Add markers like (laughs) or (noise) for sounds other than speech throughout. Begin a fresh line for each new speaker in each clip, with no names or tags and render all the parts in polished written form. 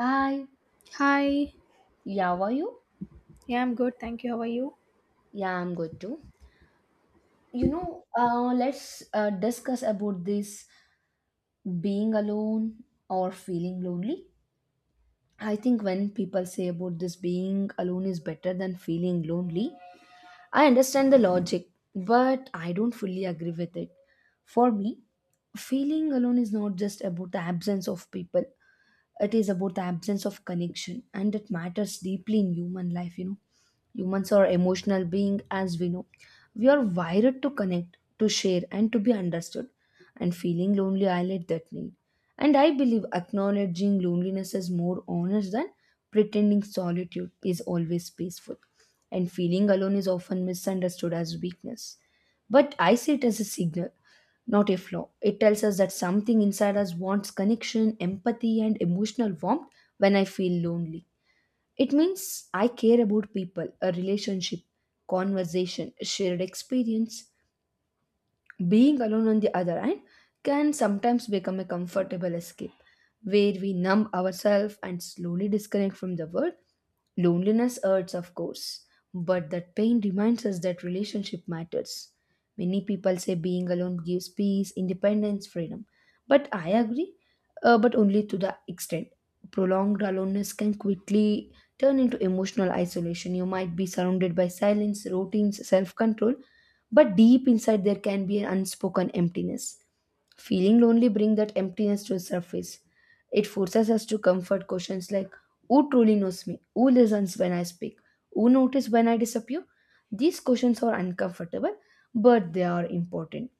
Hi,
Hi.
yeah, how are you?
Yeah, I'm good. Thank you. How are you?
Yeah, I'm good too. Let's discuss about this being alone or feeling lonely. I think when people say about this being alone is better than feeling lonely, I understand the logic, but I don't fully agree with it. For me, feeling alone is not just about the absence of people, it is about the absence of connection, and it matters deeply in human life. Humans are emotional beings, as we know. We are wired to connect, to share, and to be understood. And feeling lonely highlight that need. And I believe acknowledging loneliness is more honest than pretending solitude is always peaceful. And feeling alone is often misunderstood as weakness. But I see it as a signal, not a flaw. It tells us that something inside us wants connection, empathy, and emotional warmth when I feel lonely. It means I care about people, a relationship, conversation, shared experience. Being alone, on the other hand, can sometimes become a comfortable escape where we numb ourselves and slowly disconnect from the world. Loneliness hurts, of course, but that pain reminds us that relationship matters. Many people say being alone gives peace, independence, freedom. But I agree, but only to the extent. Prolonged aloneness can quickly turn into emotional isolation. You might be surrounded by silence, routines, self control, but deep inside there can be an unspoken emptiness. Feeling lonely brings that emptiness to the surface. It forces us to comfort questions like who truly knows me? Who listens when I speak? Who notices when I disappear? These questions are uncomfortable, but they are important.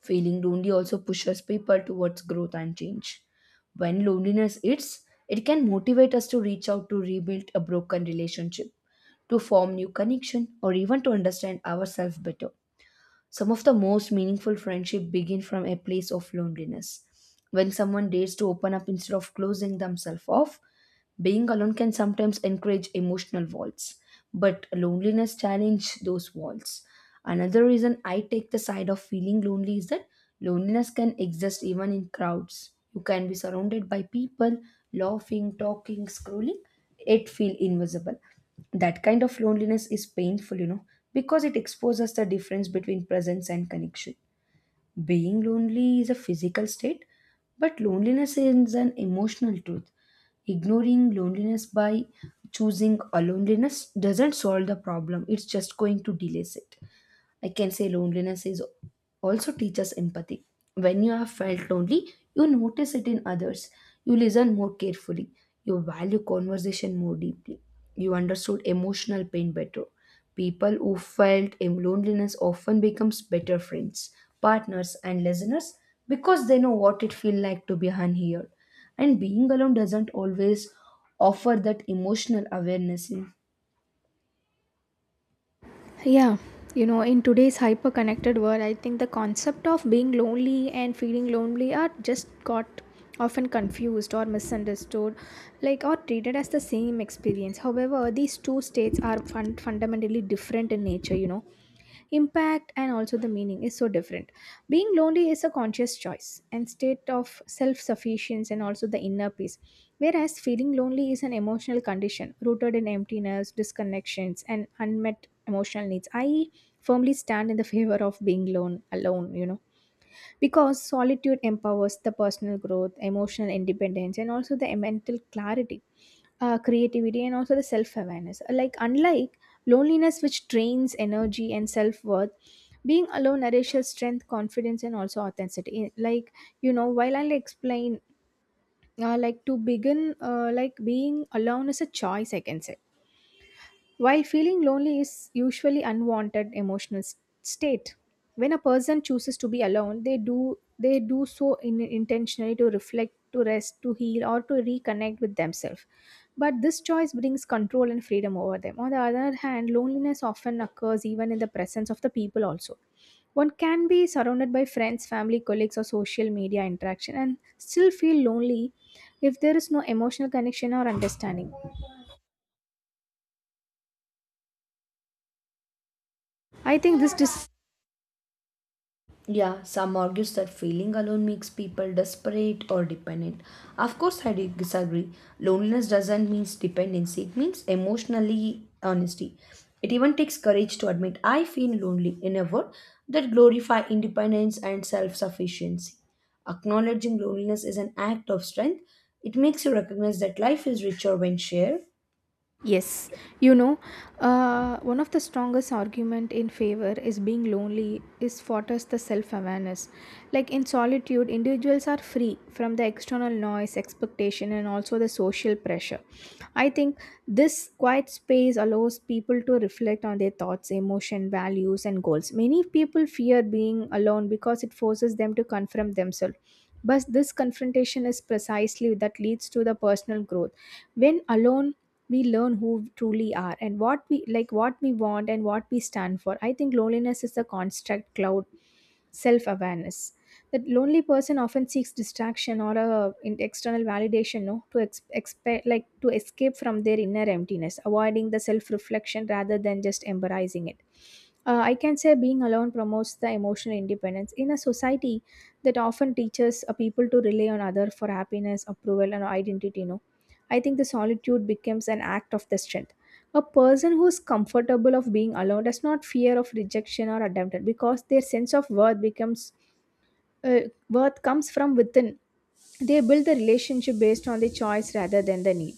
Feeling lonely also pushes people towards growth and change. When loneliness hits, it can motivate us to reach out to rebuild a broken relationship, to form new connection, or even to understand ourselves better. Some of the most meaningful friendships begin from a place of loneliness. When someone dares to open up instead of closing themselves off, being alone can sometimes encourage emotional walls, but loneliness challenges those walls. Another reason I take the side of feeling lonely is that loneliness can exist even in crowds. You can be surrounded by people, laughing, talking, scrolling, it feel invisible. That kind of loneliness is painful, because it exposes the difference between presence and connection. Being lonely is a physical state, but loneliness is an emotional truth. Ignoring loneliness by choosing a loneliness doesn't solve the problem, it's just going to delay it. I can say loneliness is also teaches empathy. When you have felt lonely, you notice it in others. You listen more carefully. You value conversation more deeply. You understood emotional pain better. People who felt loneliness often becomes better friends, partners, and listeners because they know what it feels like to be unheard. And being alone doesn't always offer that emotional awareness.
Yeah, in today's hyper connected world, I think the concept of being lonely and feeling lonely are just got often confused or misunderstood, like or treated as the same experience. However, these two states are fundamentally different in nature, impact and also the meaning is so different being lonely is a conscious choice and state of self-sufficiency and also the inner peace whereas feeling lonely is an emotional condition rooted in emptiness disconnections and unmet emotional needs I firmly stand in the (laughs) favor of being lone alone you know because solitude empowers the personal growth emotional independence and also the mental clarity creativity and also the self awareness. Unlike loneliness, which drains energy and self worth, being alone nourishes strength, confidence, and also authenticity. While I'll explain, to begin, being alone is a choice, I can say while feeling lonely is usually unwanted emotional state, when a person chooses to be alone, they do so in, intentionally to reflect, to rest, to heal, or to reconnect with themselves. But this choice brings control and freedom over them. On the other hand, loneliness often occurs even in the presence of the people also. One can be surrounded by friends, family, colleagues, or social media interaction and still feel lonely if there is no emotional connection or understanding. I think this
Yeah, some argues that feeling alone makes people desperate or dependent. Of course, I disagree. Loneliness doesn't mean dependency, it means emotionally honesty. It even takes courage to admit I feel lonely in a word that glorify independence and self-sufficiency. Acknowledging loneliness is an act of strength. It makes you recognize that life is richer when shared.
Yes, you know, one of the strongest argument in favor is being lonely is fosters the self-awareness. Like in solitude, individuals are free from the external noise, expectation, and also the social pressure. I think this quiet space allows people to reflect on their thoughts, emotion, values, and goals. Many people fear being alone because it forces them to confront themselves. But this confrontation is precisely that leads to the personal growth. When alone we learn who we truly are and what we like what we want and what we stand for I think loneliness is a construct cloud self-awareness that lonely person often seeks distraction or a external validation no to like to escape from their inner emptiness avoiding the self-reflection rather than just embracing it I can say being alone promotes the emotional independence in a society that often teaches people to rely on other for happiness, approval, and identity. No, I think the solitude becomes an act of the strength. A person who is comfortable of being alone does not fear of rejection or abandonment because their sense of worth becomes uh, worth comes from within. They build the relationship based on the choice rather than the need.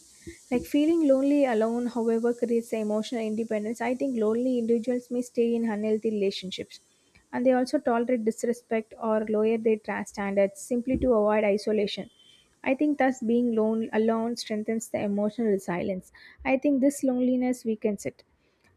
Like feeling lonely alone, however, creates emotional independence. I think lonely individuals may stay in unhealthy relationships and they also tolerate disrespect or lower their standards simply to avoid isolation. I think thus being lone alone strengthens the emotional resilience. I think this loneliness weakens it.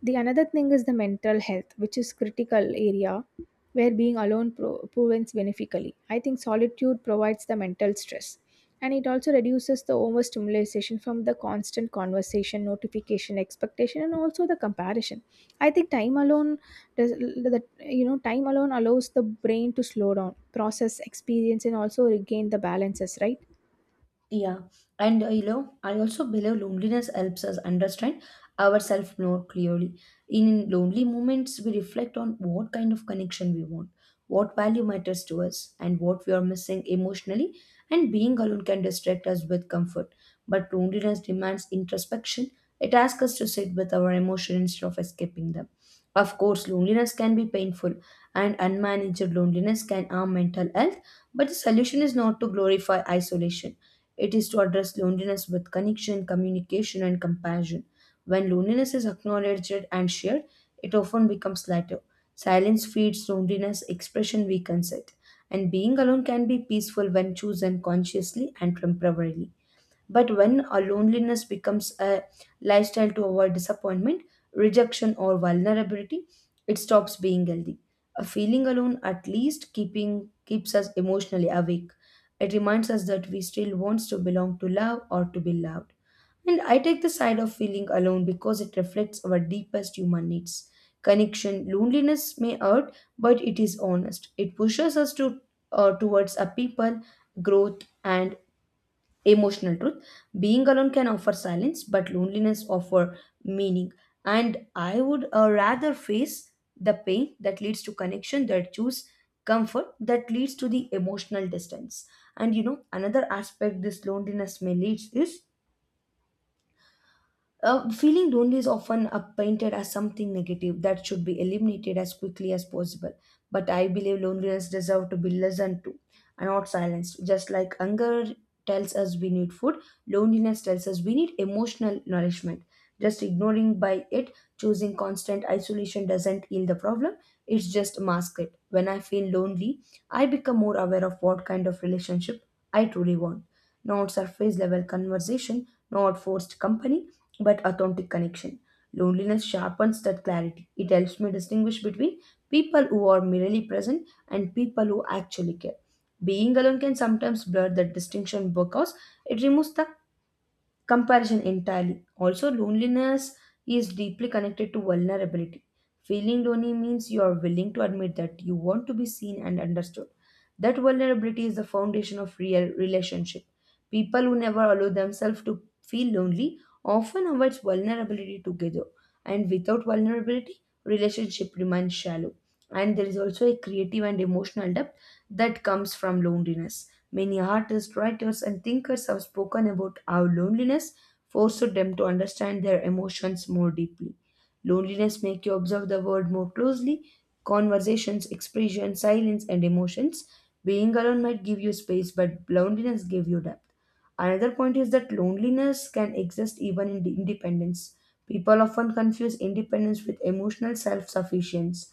The another thing is the mental health, which is critical area where being alone prevents benefically. I think solitude provides the mental stress and it also reduces the overstimulation from the constant conversation, notification, expectation, and also the comparison. I think time alone does that you know time alone allows the brain to slow down, process, experience, and also regain the balances, right?
Yeah, and I also believe loneliness helps us understand ourselves more clearly. In lonely moments, we reflect on what kind of connection we want, what value matters to us, and what we are missing emotionally. And being alone can distract us with comfort. But loneliness demands introspection, it asks us to sit with our emotions instead of escaping them. Of course, loneliness can be painful, and unmanaged loneliness can harm mental health, but the solution is not to glorify isolation, it is to address loneliness with connection, communication, and compassion. When loneliness is acknowledged and shared, it often becomes lighter. Silence feeds loneliness, expression weakens it. And being alone can be peaceful when chosen consciously and temporarily. But when a loneliness becomes a lifestyle to avoid disappointment, rejection, or vulnerability, it stops being healthy. A feeling alone at least keeping keeps us emotionally awake. It reminds us that we still wants to belong to love or to be loved. And I take the side of feeling alone because it reflects our deepest human needs. Connection, loneliness may hurt, but it is honest. It pushes us to towards a people, growth, and emotional truth. Being alone can offer silence, but loneliness offer meaning, and I would rather face the pain that leads to connection that choose comfort that leads to the emotional distance. And you know, another aspect this loneliness may leads is, feeling lonely is often painted as something negative that should be eliminated as quickly as possible. But I believe loneliness deserves to be listened to and not silenced. Just like hunger tells us we need food, loneliness tells us we need emotional nourishment. Just ignoring by it, choosing constant isolation doesn't heal the problem. It's just mask it. When I feel lonely, I become more aware of what kind of relationship I truly want. Not surface level conversation, not forced company, but authentic connection. Loneliness sharpens that clarity. It helps me distinguish between people who are merely present and people who actually care. Being alone can sometimes blur that distinction because it removes the comparison entirely. Also, loneliness is deeply connected to vulnerability. Feeling lonely means you are willing to admit that you want to be seen and understood. That vulnerability is the foundation of real relationship. People who never allow themselves to feel lonely often avoid vulnerability together. And without vulnerability, relationship remains shallow. And there is also a creative and emotional depth that comes from loneliness. Many artists, writers, and thinkers have spoken about how loneliness forced them to understand their emotions more deeply. Loneliness makes you observe the world more closely, conversations, expression, silence, and emotions. Being alone might give you space, but loneliness gives you depth. Another point is that loneliness can exist even in independence. People often confuse independence with emotional self sufficiency.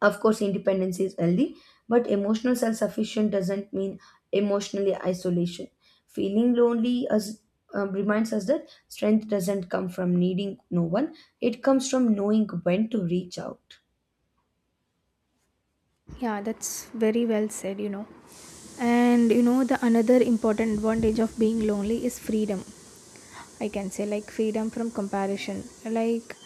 Of course, independence is healthy, but emotional self sufficient doesn't mean emotionally isolation. Feeling lonely as, reminds us that strength doesn't come from needing no one, it comes from knowing when to reach out.
Yeah, that's very well said, you know. And you know, the another important advantage of being lonely is freedom. I can say, like, freedom from comparison. Like,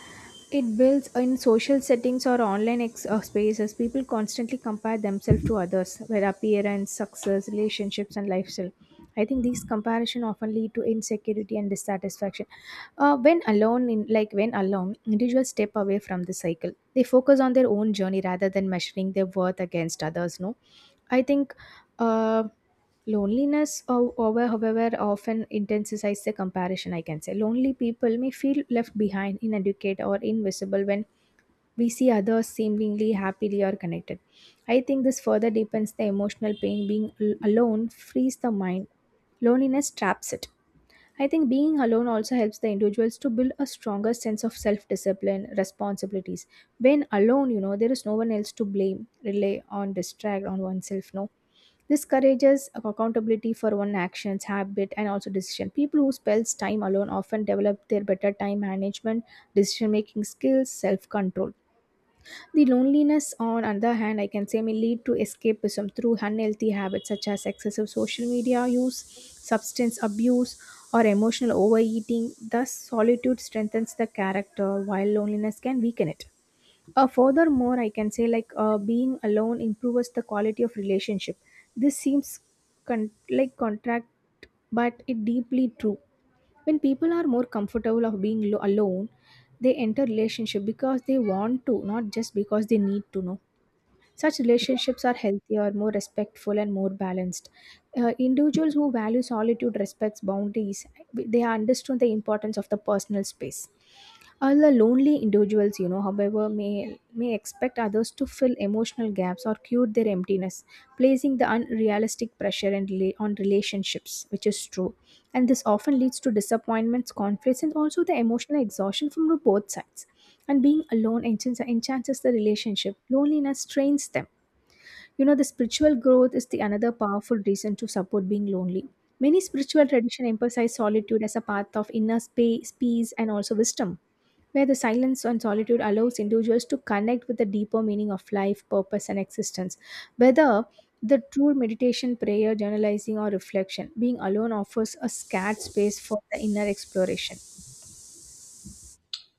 it builds in social settings or online spaces, people constantly compare themselves to others, their appearance, success, relationships, and lifestyle. I think these comparison often lead to insecurity and dissatisfaction. When alone, individuals step away from the cycle. They focus on their own journey rather than measuring their worth against others. No, I think uh, loneliness, however, often intensifies the comparison. I can say lonely people may feel left behind, inadequate, or invisible when we see others seemingly happily or connected. I think this further deepens the emotional pain. Being alone frees the mind, loneliness traps it. I think being alone also helps the individuals to build a stronger sense of self discipline, responsibilities. When alone, you know, there is no one else to blame, rely on, distract on oneself, no. This encourages accountability for one's actions, habit, and also decision. People who spends time alone often develop their better time management, decision making skills, self control. The loneliness, on other hand, I can say may lead to escapism through unhealthy habits such as excessive social media use, substance abuse, or emotional overeating. Thus, solitude strengthens the character while loneliness can weaken it. Furthermore, I can say being alone improves the quality of relationship. This seems contract, but it deeply true when people are more comfortable of being alone they enter relationship because they want to not just because they need to know such relationships are healthier more respectful and more balanced individuals who value solitude respects boundaries they understand the importance of the personal space all the lonely individuals, you know, however, may expect others to fill emotional gaps or cure their emptiness, placing the unrealistic pressure and on relationships, which is true. And this often leads to disappointments, conflicts, and also the emotional exhaustion from the both sides. And being alone enchants the relationship. Loneliness strains them. You know, the spiritual growth is the another powerful reason to support being lonely. Many spiritual traditions emphasize solitude as a path of inner space, peace, and also wisdom where the silence and solitude allows individuals to connect with the deeper meaning of life, purpose, and existence. Whether the true meditation, prayer, journalizing, or reflection, being alone offers a scared space for the inner exploration.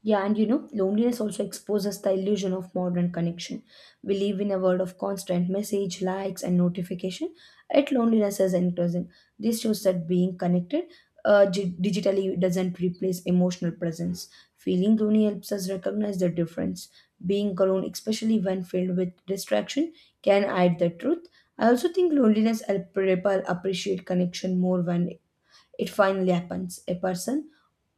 Yeah, and you know, loneliness also exposes the illusion of modern connection. We live in a world of constant message, likes, and notification, yet loneliness is increasing. This shows that being connected digitally doesn't replace emotional presence. Feeling lonely helps us recognize the difference. Being alone, especially when filled with distraction, can hide the truth. I also think loneliness helps people appreciate connection more when it finally happens. A person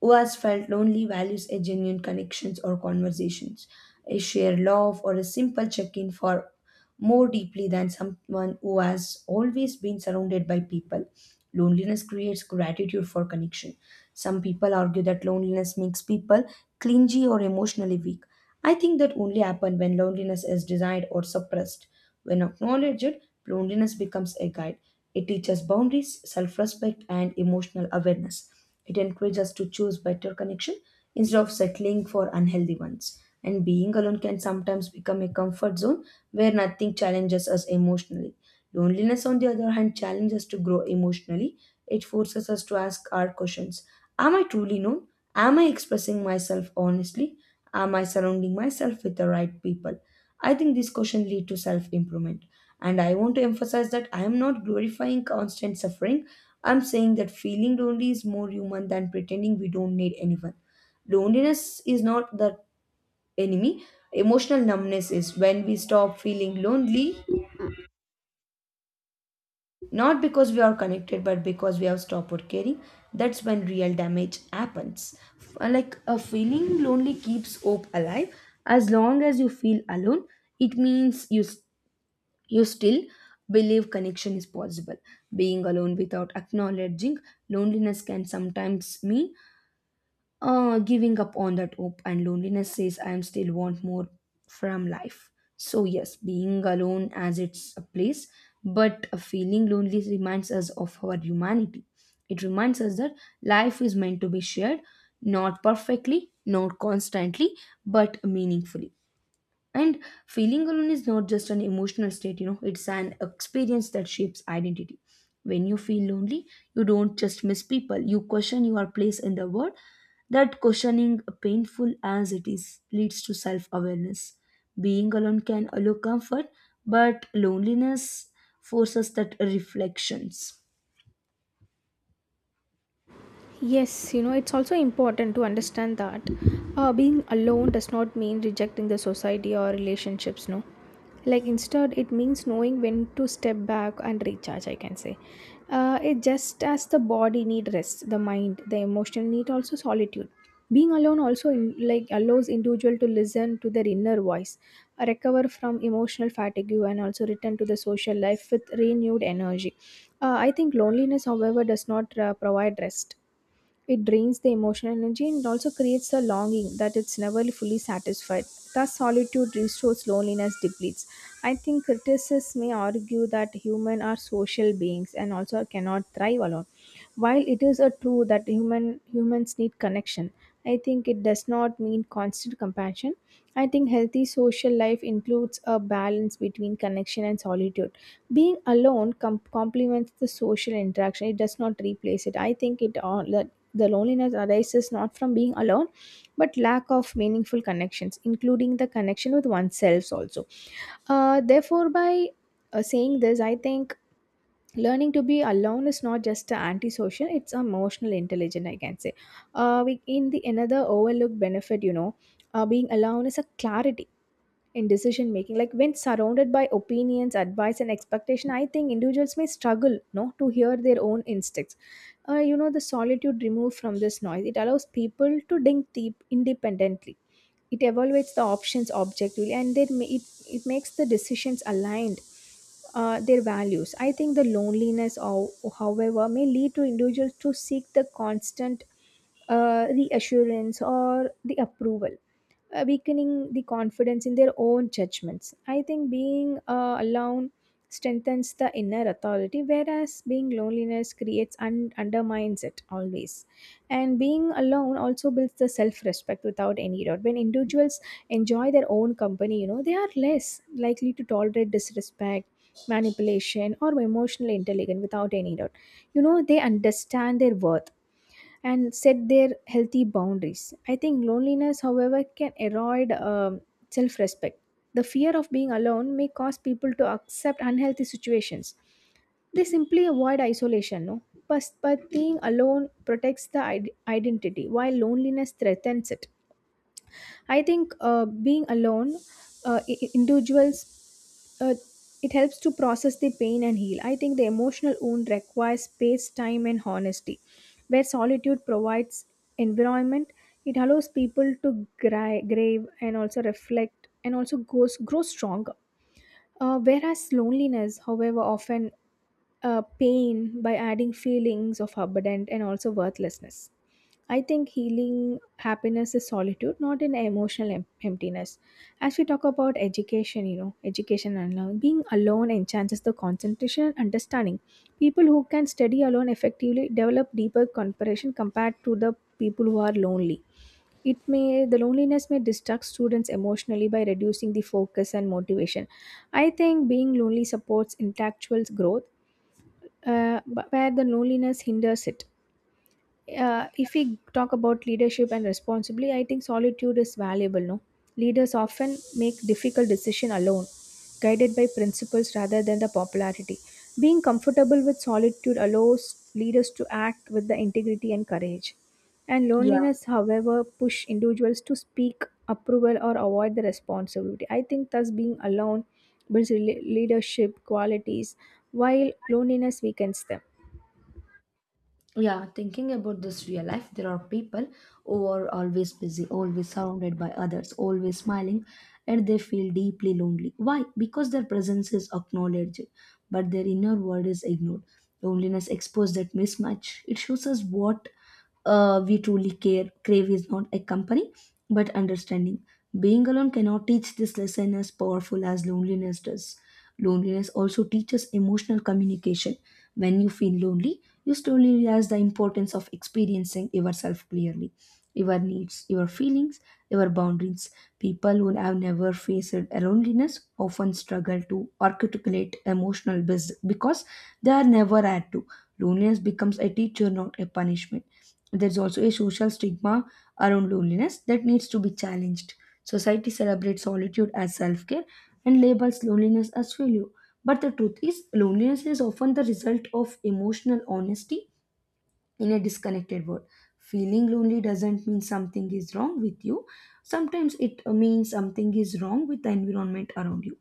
who has felt lonely values a genuine connections or conversations, a shared love or a simple check-in for more deeply than someone who has always been surrounded by people. Loneliness creates gratitude for connection. Some people argue that loneliness makes people clingy or emotionally weak. I think that only happen when loneliness is desired or suppressed. When acknowledged, loneliness becomes a guide, it teaches boundaries, self respect, and emotional awareness. It encourages us to choose better connection instead of settling for unhealthy ones. And being alone can sometimes become a comfort zone where nothing challenges us emotionally. Loneliness, on the other hand, challenges us to grow emotionally. It forces us to ask our questions. Am I truly known? Am I expressing myself honestly? Am I surrounding myself with the right people? I think these questions lead to self improvement. And I want to emphasize that I am not glorifying constant suffering. I'm saying that feeling lonely is more human than pretending we don't need anyone. Loneliness is not the enemy, emotional numbness is when we stop feeling lonely. Not because we are connected, but because we have stopped caring. That's when real damage happens. Like a feeling lonely keeps hope alive. As long as you feel alone, it means you still believe connection is possible. Being alone without acknowledging loneliness can sometimes mean giving up on that hope, and loneliness says I am still want more from life. So yes, being alone as it's a place, but a feeling lonely reminds us of our humanity. It reminds us that life is meant to be shared, not perfectly, not constantly, but meaningfully. And feeling alone is not just an emotional state, it's an experience that shapes identity. When you feel lonely, you don't just miss people, you question your place in the world. That questioning, painful as it is, leads to self awareness. Being alone can allow comfort, but loneliness forces that reflections.
Yes, you know, it's also important to understand that being alone does not mean rejecting the society or relationships, no. Like, instead, it means knowing when to step back and recharge, I can say. It just as the body need rest, the mind, the emotion need also solitude. Being alone also in, like allows individual to listen to their inner voice, recover from emotional fatigue, and also return to the social life with renewed energy. I think loneliness, however, does not provide rest it drains the emotional energy and also creates a longing that it's never fully satisfied. Thus, solitude restores loneliness depletes. I think critics may argue that humans are social beings and also cannot thrive alone. While it is a true that humans need connection, I think it does not mean constant compassion. I think healthy social life includes a balance between connection and solitude. Being alone complements the social interaction. It does not replace it. I think it all the loneliness arises not from being alone, but lack of meaningful connections, including the connection with oneself also. Therefore, by saying this, I think learning to be alone is not just an antisocial; it's emotional intelligence. I can say. We in the another overlooked benefit, you know, being alone is a clarity in decision making like when surrounded by opinions advice and expectation I think individuals may struggle no to hear their own instincts you know the solitude removed from this noise it allows people to think deep independently it evaluates the options objectively and then it makes the decisions aligned their values I think the loneliness or however may lead to individuals to seek the constant reassurance or the approval weakening the confidence in their own judgments I think being alone strengthens the inner authority whereas being loneliness creates and undermines it always and being alone also builds the self respect without any doubt when individuals enjoy their own company you know they are less likely to tolerate disrespect manipulation or emotional intelligence without any doubt you know they understand their worth and set their healthy boundaries I think loneliness however can erode self respect the fear of being alone may cause people to accept unhealthy situations they simply avoid isolation, no? But being alone protects the identity while loneliness threatens it. I think being alone, individuals, uh, it helps to process the pain and heal. I think the emotional wound requires space, time, and honesty. Where solitude provides environment, it allows people to grave and also reflect and also grow stronger. Whereas loneliness, however, often pain by adding feelings of abandonment and also worthlessness. I think healing happiness is solitude, not an emotional emptiness. As we talk about education, you know, education and learning, being alone enhances the concentration and understanding. People who can study alone effectively develop deeper comparison compared to the people who are lonely. It may the loneliness may distract students emotionally by reducing the focus and motivation. I think being lonely supports intellectual growth, but where the loneliness hinders it. If we talk about leadership and responsibility, I think solitude is valuable. No, leaders often make difficult decisions alone, guided by principles rather than the popularity. Being comfortable with solitude allows leaders to act with the integrity and courage. And
Yeah.
loneliness, however, push individuals to speak approval or avoid the responsibility. I think thus being alone builds leadership qualities, while loneliness weakens them.
Yeah, thinking about this real life, there are people who are always busy, always surrounded by others, always smiling, and they feel deeply lonely. Why? Because their presence is acknowledged, but their inner world is ignored. Loneliness exposes that mismatch. It shows us what we truly care. Crave is not a company, but understanding. Being alone cannot teach this lesson as powerful as loneliness does. Loneliness also teaches emotional communication. When you feel lonely, you slowly realize the importance of experiencing yourself clearly, your needs, your feelings, your boundaries. People who have never faced loneliness often struggle to articulate emotional biz because they are never had to. Loneliness becomes a teacher, not a punishment. There's also a social stigma around loneliness that needs to be challenged. Society celebrates solitude as self-care and labels loneliness as failure, but the truth is, loneliness is often the result of emotional honesty in a disconnected world. Feeling lonely doesn't mean something is wrong with you. Sometimes it means something is wrong with the environment around you.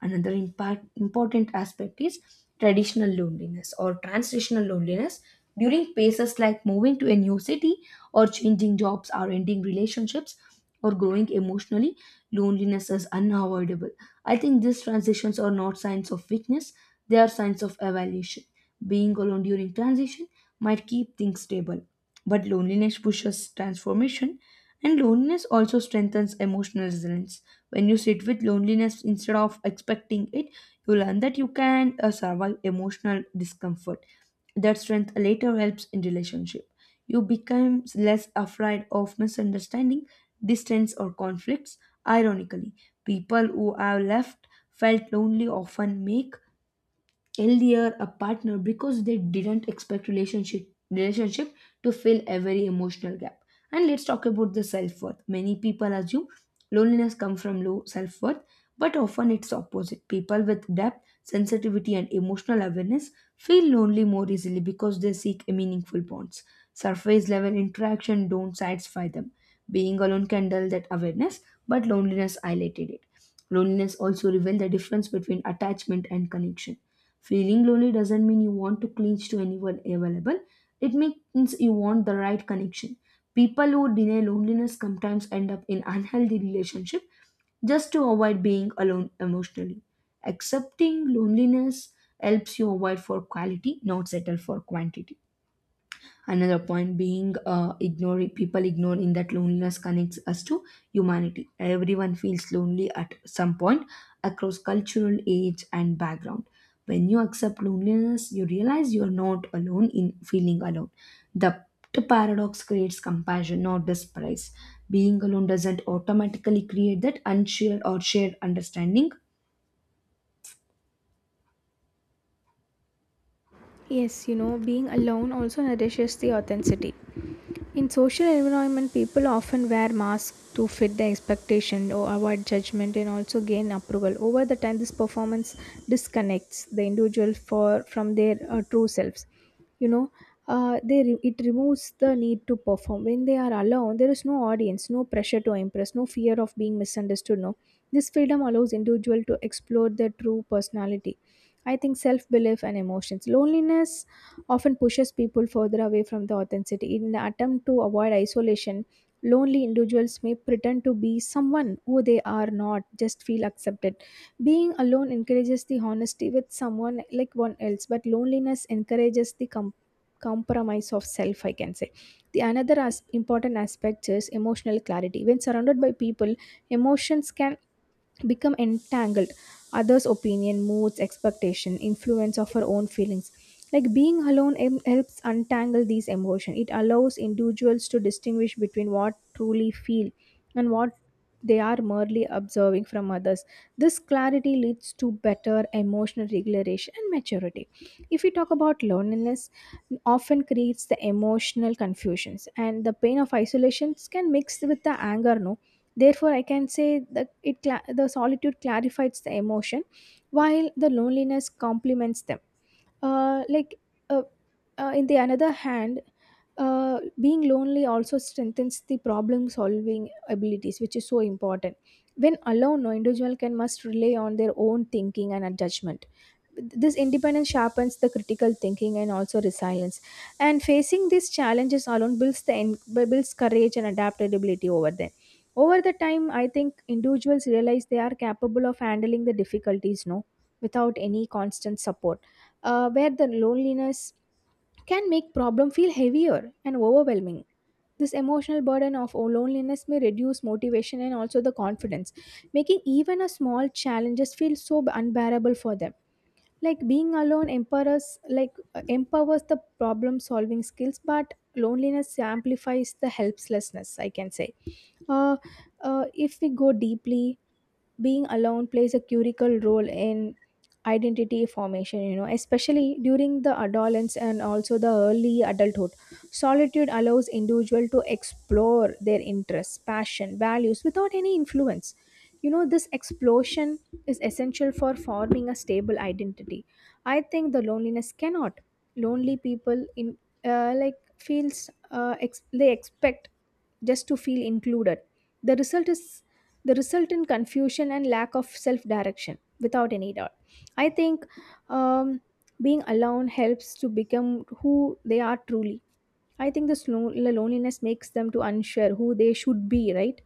Another impact, important aspect is traditional loneliness or transitional loneliness during phases like moving to a new city, or changing jobs, or ending relationships, or growing emotionally. Loneliness is unavoidable. I think these transitions are not signs of weakness, they are signs of evaluation. Being alone during transition might keep things stable, but loneliness pushes transformation, and loneliness also strengthens emotional resilience. When you sit with loneliness instead of expecting it, you learn that you can survive emotional discomfort. That strength later helps in relationship. You become less afraid of misunderstanding, distance, or conflicts. Ironically, people who have left felt lonely often make healthier a partner because they didn't expect relationship to fill every emotional gap. And let's talk about the self-worth. Many people assume loneliness comes from low self-worth, but often it's opposite. People with depth, sensitivity, and emotional awareness feel lonely more easily because they seek meaningful bonds. Surface level interaction don't satisfy them. Being alone can dull that awareness, but loneliness highlighted it. Loneliness also revealed the difference between attachment and connection. Feeling lonely doesn't mean you want to clinch to anyone available. It means you want the right connection. People who deny loneliness sometimes end up in unhealthy relationship, just to avoid being alone emotionally. Accepting loneliness helps you avoid for quality, not settle for quantity. Another point being ignoring people, ignoring that loneliness connects us to humanity. Everyone feels lonely at some point across cultural age and background. When you accept loneliness, you realize you are not alone in feeling alone. The, the paradox creates compassion, not despise. Being alone doesn't automatically create that unshared or shared understanding.
Yes, being alone also nourishes the authenticity. In social environment, people often wear masks to fit the expectation or avoid judgment and also gain approval. Over the time, this performance disconnects the individual for from their true selves. You know, it removes the need to perform. When they are alone, there is no audience, no pressure to impress, no fear of being misunderstood. No, this freedom allows individual to explore their true personality. I think self belief and emotions. Loneliness often pushes people further away from the authenticity. In an attempt to avoid isolation, lonely individuals may pretend to be someone who they are not, just feel accepted. Being alone encourages the honesty with someone like one else, but loneliness encourages the compromise of self, I can say. The another important aspect is emotional clarity. When surrounded by people, emotions can become entangled. Others opinion moods expectation influence of our own feelings. Like being alone helps untangle these emotions. It allows individuals to distinguish between what truly feel and what they are merely observing from others. This clarity leads to better emotional regulation and maturity. If we talk about loneliness, often creates the emotional confusions, and the pain of isolation can mix with the anger. No, therefore, I can say that the solitude clarifies the emotion, while the loneliness complements them, like, uh, in the another hand, being lonely also strengthens the problem solving abilities, which is so important. When alone, no, individual can must rely on their own thinking and judgment. This independence sharpens the critical thinking and also resilience, and facing these challenges alone builds courage and adaptability over them. Over the time, I think individuals realize they are capable of handling the difficulties, no, without any constant support, where the loneliness can make problem feel heavier and overwhelming. This emotional burden of loneliness may reduce motivation and also the confidence, making even a small challenges feel so unbearable for them. Like being alone empowers the problem solving skills, but loneliness amplifies the helplessness, I can say. Uh, uh, if we go deeply, being alone plays a critical role in identity formation, especially during the adolescence and also the early adulthood. Solitude allows individual to explore their interests passion values without any influence. This explosion is essential for forming a stable identity. I think the loneliness cannot, lonely people in, like feels, they expect just to feel included. The result is, the result in confusion and lack of self direction. Without any doubt, I think, um, being alone helps to become who they are truly. I think this loneliness makes them to unsure who they should be, right?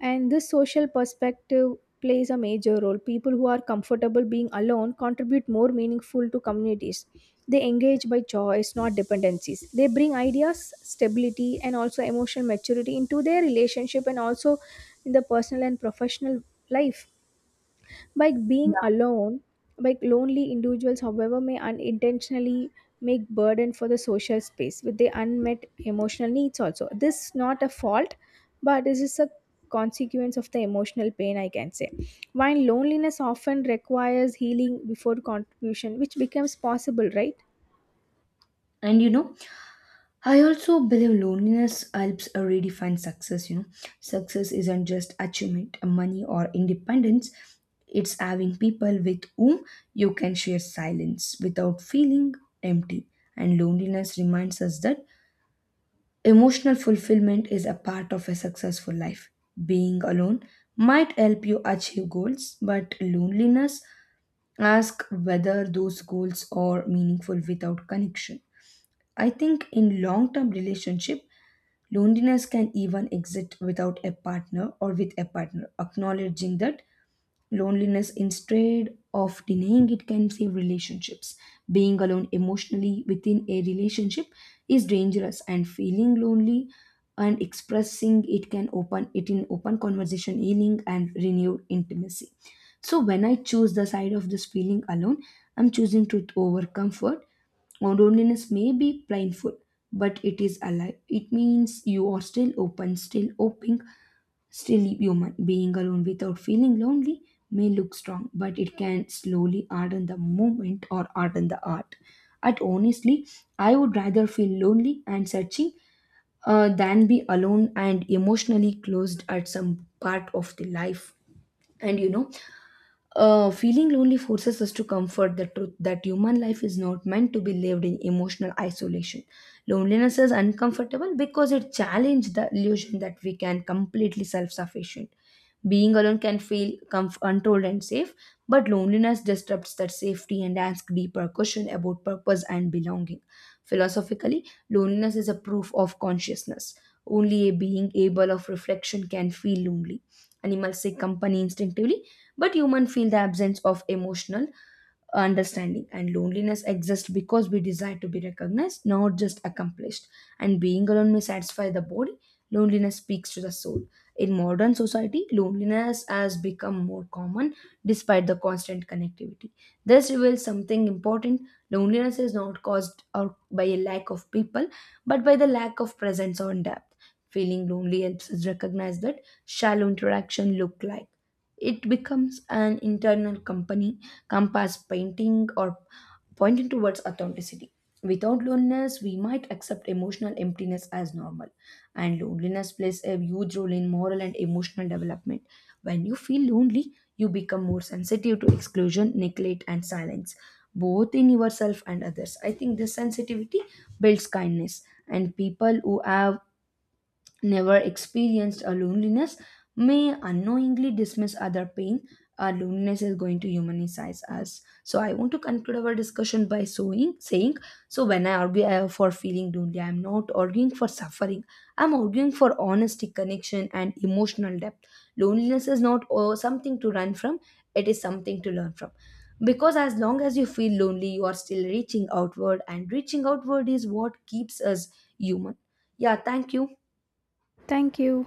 And this social perspective plays a major role. People who are comfortable being alone contribute more meaningful to communities. They engage by choice, not dependencies. They bring ideas, stability, and also emotional maturity into their relationship and also in the personal and professional life. By being
Yeah.
alone, by lonely individuals, however, may unintentionally make burden for the social space with their unmet emotional needs also. This is not a fault, but this is a consequence of the emotional pain, I can say. While loneliness often requires healing before contribution, which becomes possible, right?
And you know, I also believe loneliness helps redefine success. You know, success isn't just achievement, money, or independence. It's having people with whom you can share silence without feeling empty. And loneliness reminds us that emotional fulfillment is a part of a successful life. Being alone might help you achieve goals, but loneliness asks whether those goals are meaningful without connection. I think in long term relationship, loneliness can even exist without a partner or with a partner. Acknowledging that loneliness instead of denying it can save relationships. Being alone emotionally within a relationship is dangerous, and feeling lonely and expressing it can open it in open conversation, healing, and renewed intimacy. So when I choose the side of this feeling alone, I'm choosing truth over comfort. Or loneliness may be blindfold, but it is alive. It means you are still open, still hoping, still human. Being alone without feeling lonely may look strong, but it can slowly harden the moment or harden the heart. But honestly, I would rather feel lonely and searching than be alone and emotionally closed at some part of the life. And you know, feeling lonely forces us to comfort the truth that human life is not meant to be lived in emotional isolation. Loneliness is uncomfortable because it challenges the illusion that we can completely self-sufficient. Being alone can feel controlled and safe, but loneliness disrupts that safety and asks deeper question about purpose and belonging. Philosophically, loneliness is a proof of consciousness. Only a being able of reflection can feel lonely. Animals seek company instinctively, but humans feel the absence of emotional understanding, and loneliness exists because we desire to be recognized, not just accomplished. And being alone may satisfy the body, loneliness speaks to the soul. In modern society, loneliness has become more common despite the constant connectivity. This reveals something important. Loneliness is not caused out by a lack of people, but by the lack of presence or depth. Feeling lonely helps us recognize that shallow interaction look like, it becomes an internal company, compass painting or pointing towards authenticity. Without loneliness, we might accept emotional emptiness as normal. And loneliness plays a huge role in moral and emotional development. When you feel lonely, you become more sensitive to exclusion, neglect, and silence, both in yourself and others. I think this sensitivity builds kindness, and people who have never experienced a loneliness may unknowingly dismiss other pain. Our loneliness is going to humanize us. So I want to conclude our discussion by saying, so when I argue for feeling lonely, I'm not arguing for suffering, I'm arguing for honesty, connection, and emotional depth. Loneliness is not something to run from, it is something to learn from, because as long as you feel lonely you are still reaching outward, and reaching outward is what keeps us human. Yeah, thank you.
Thank you.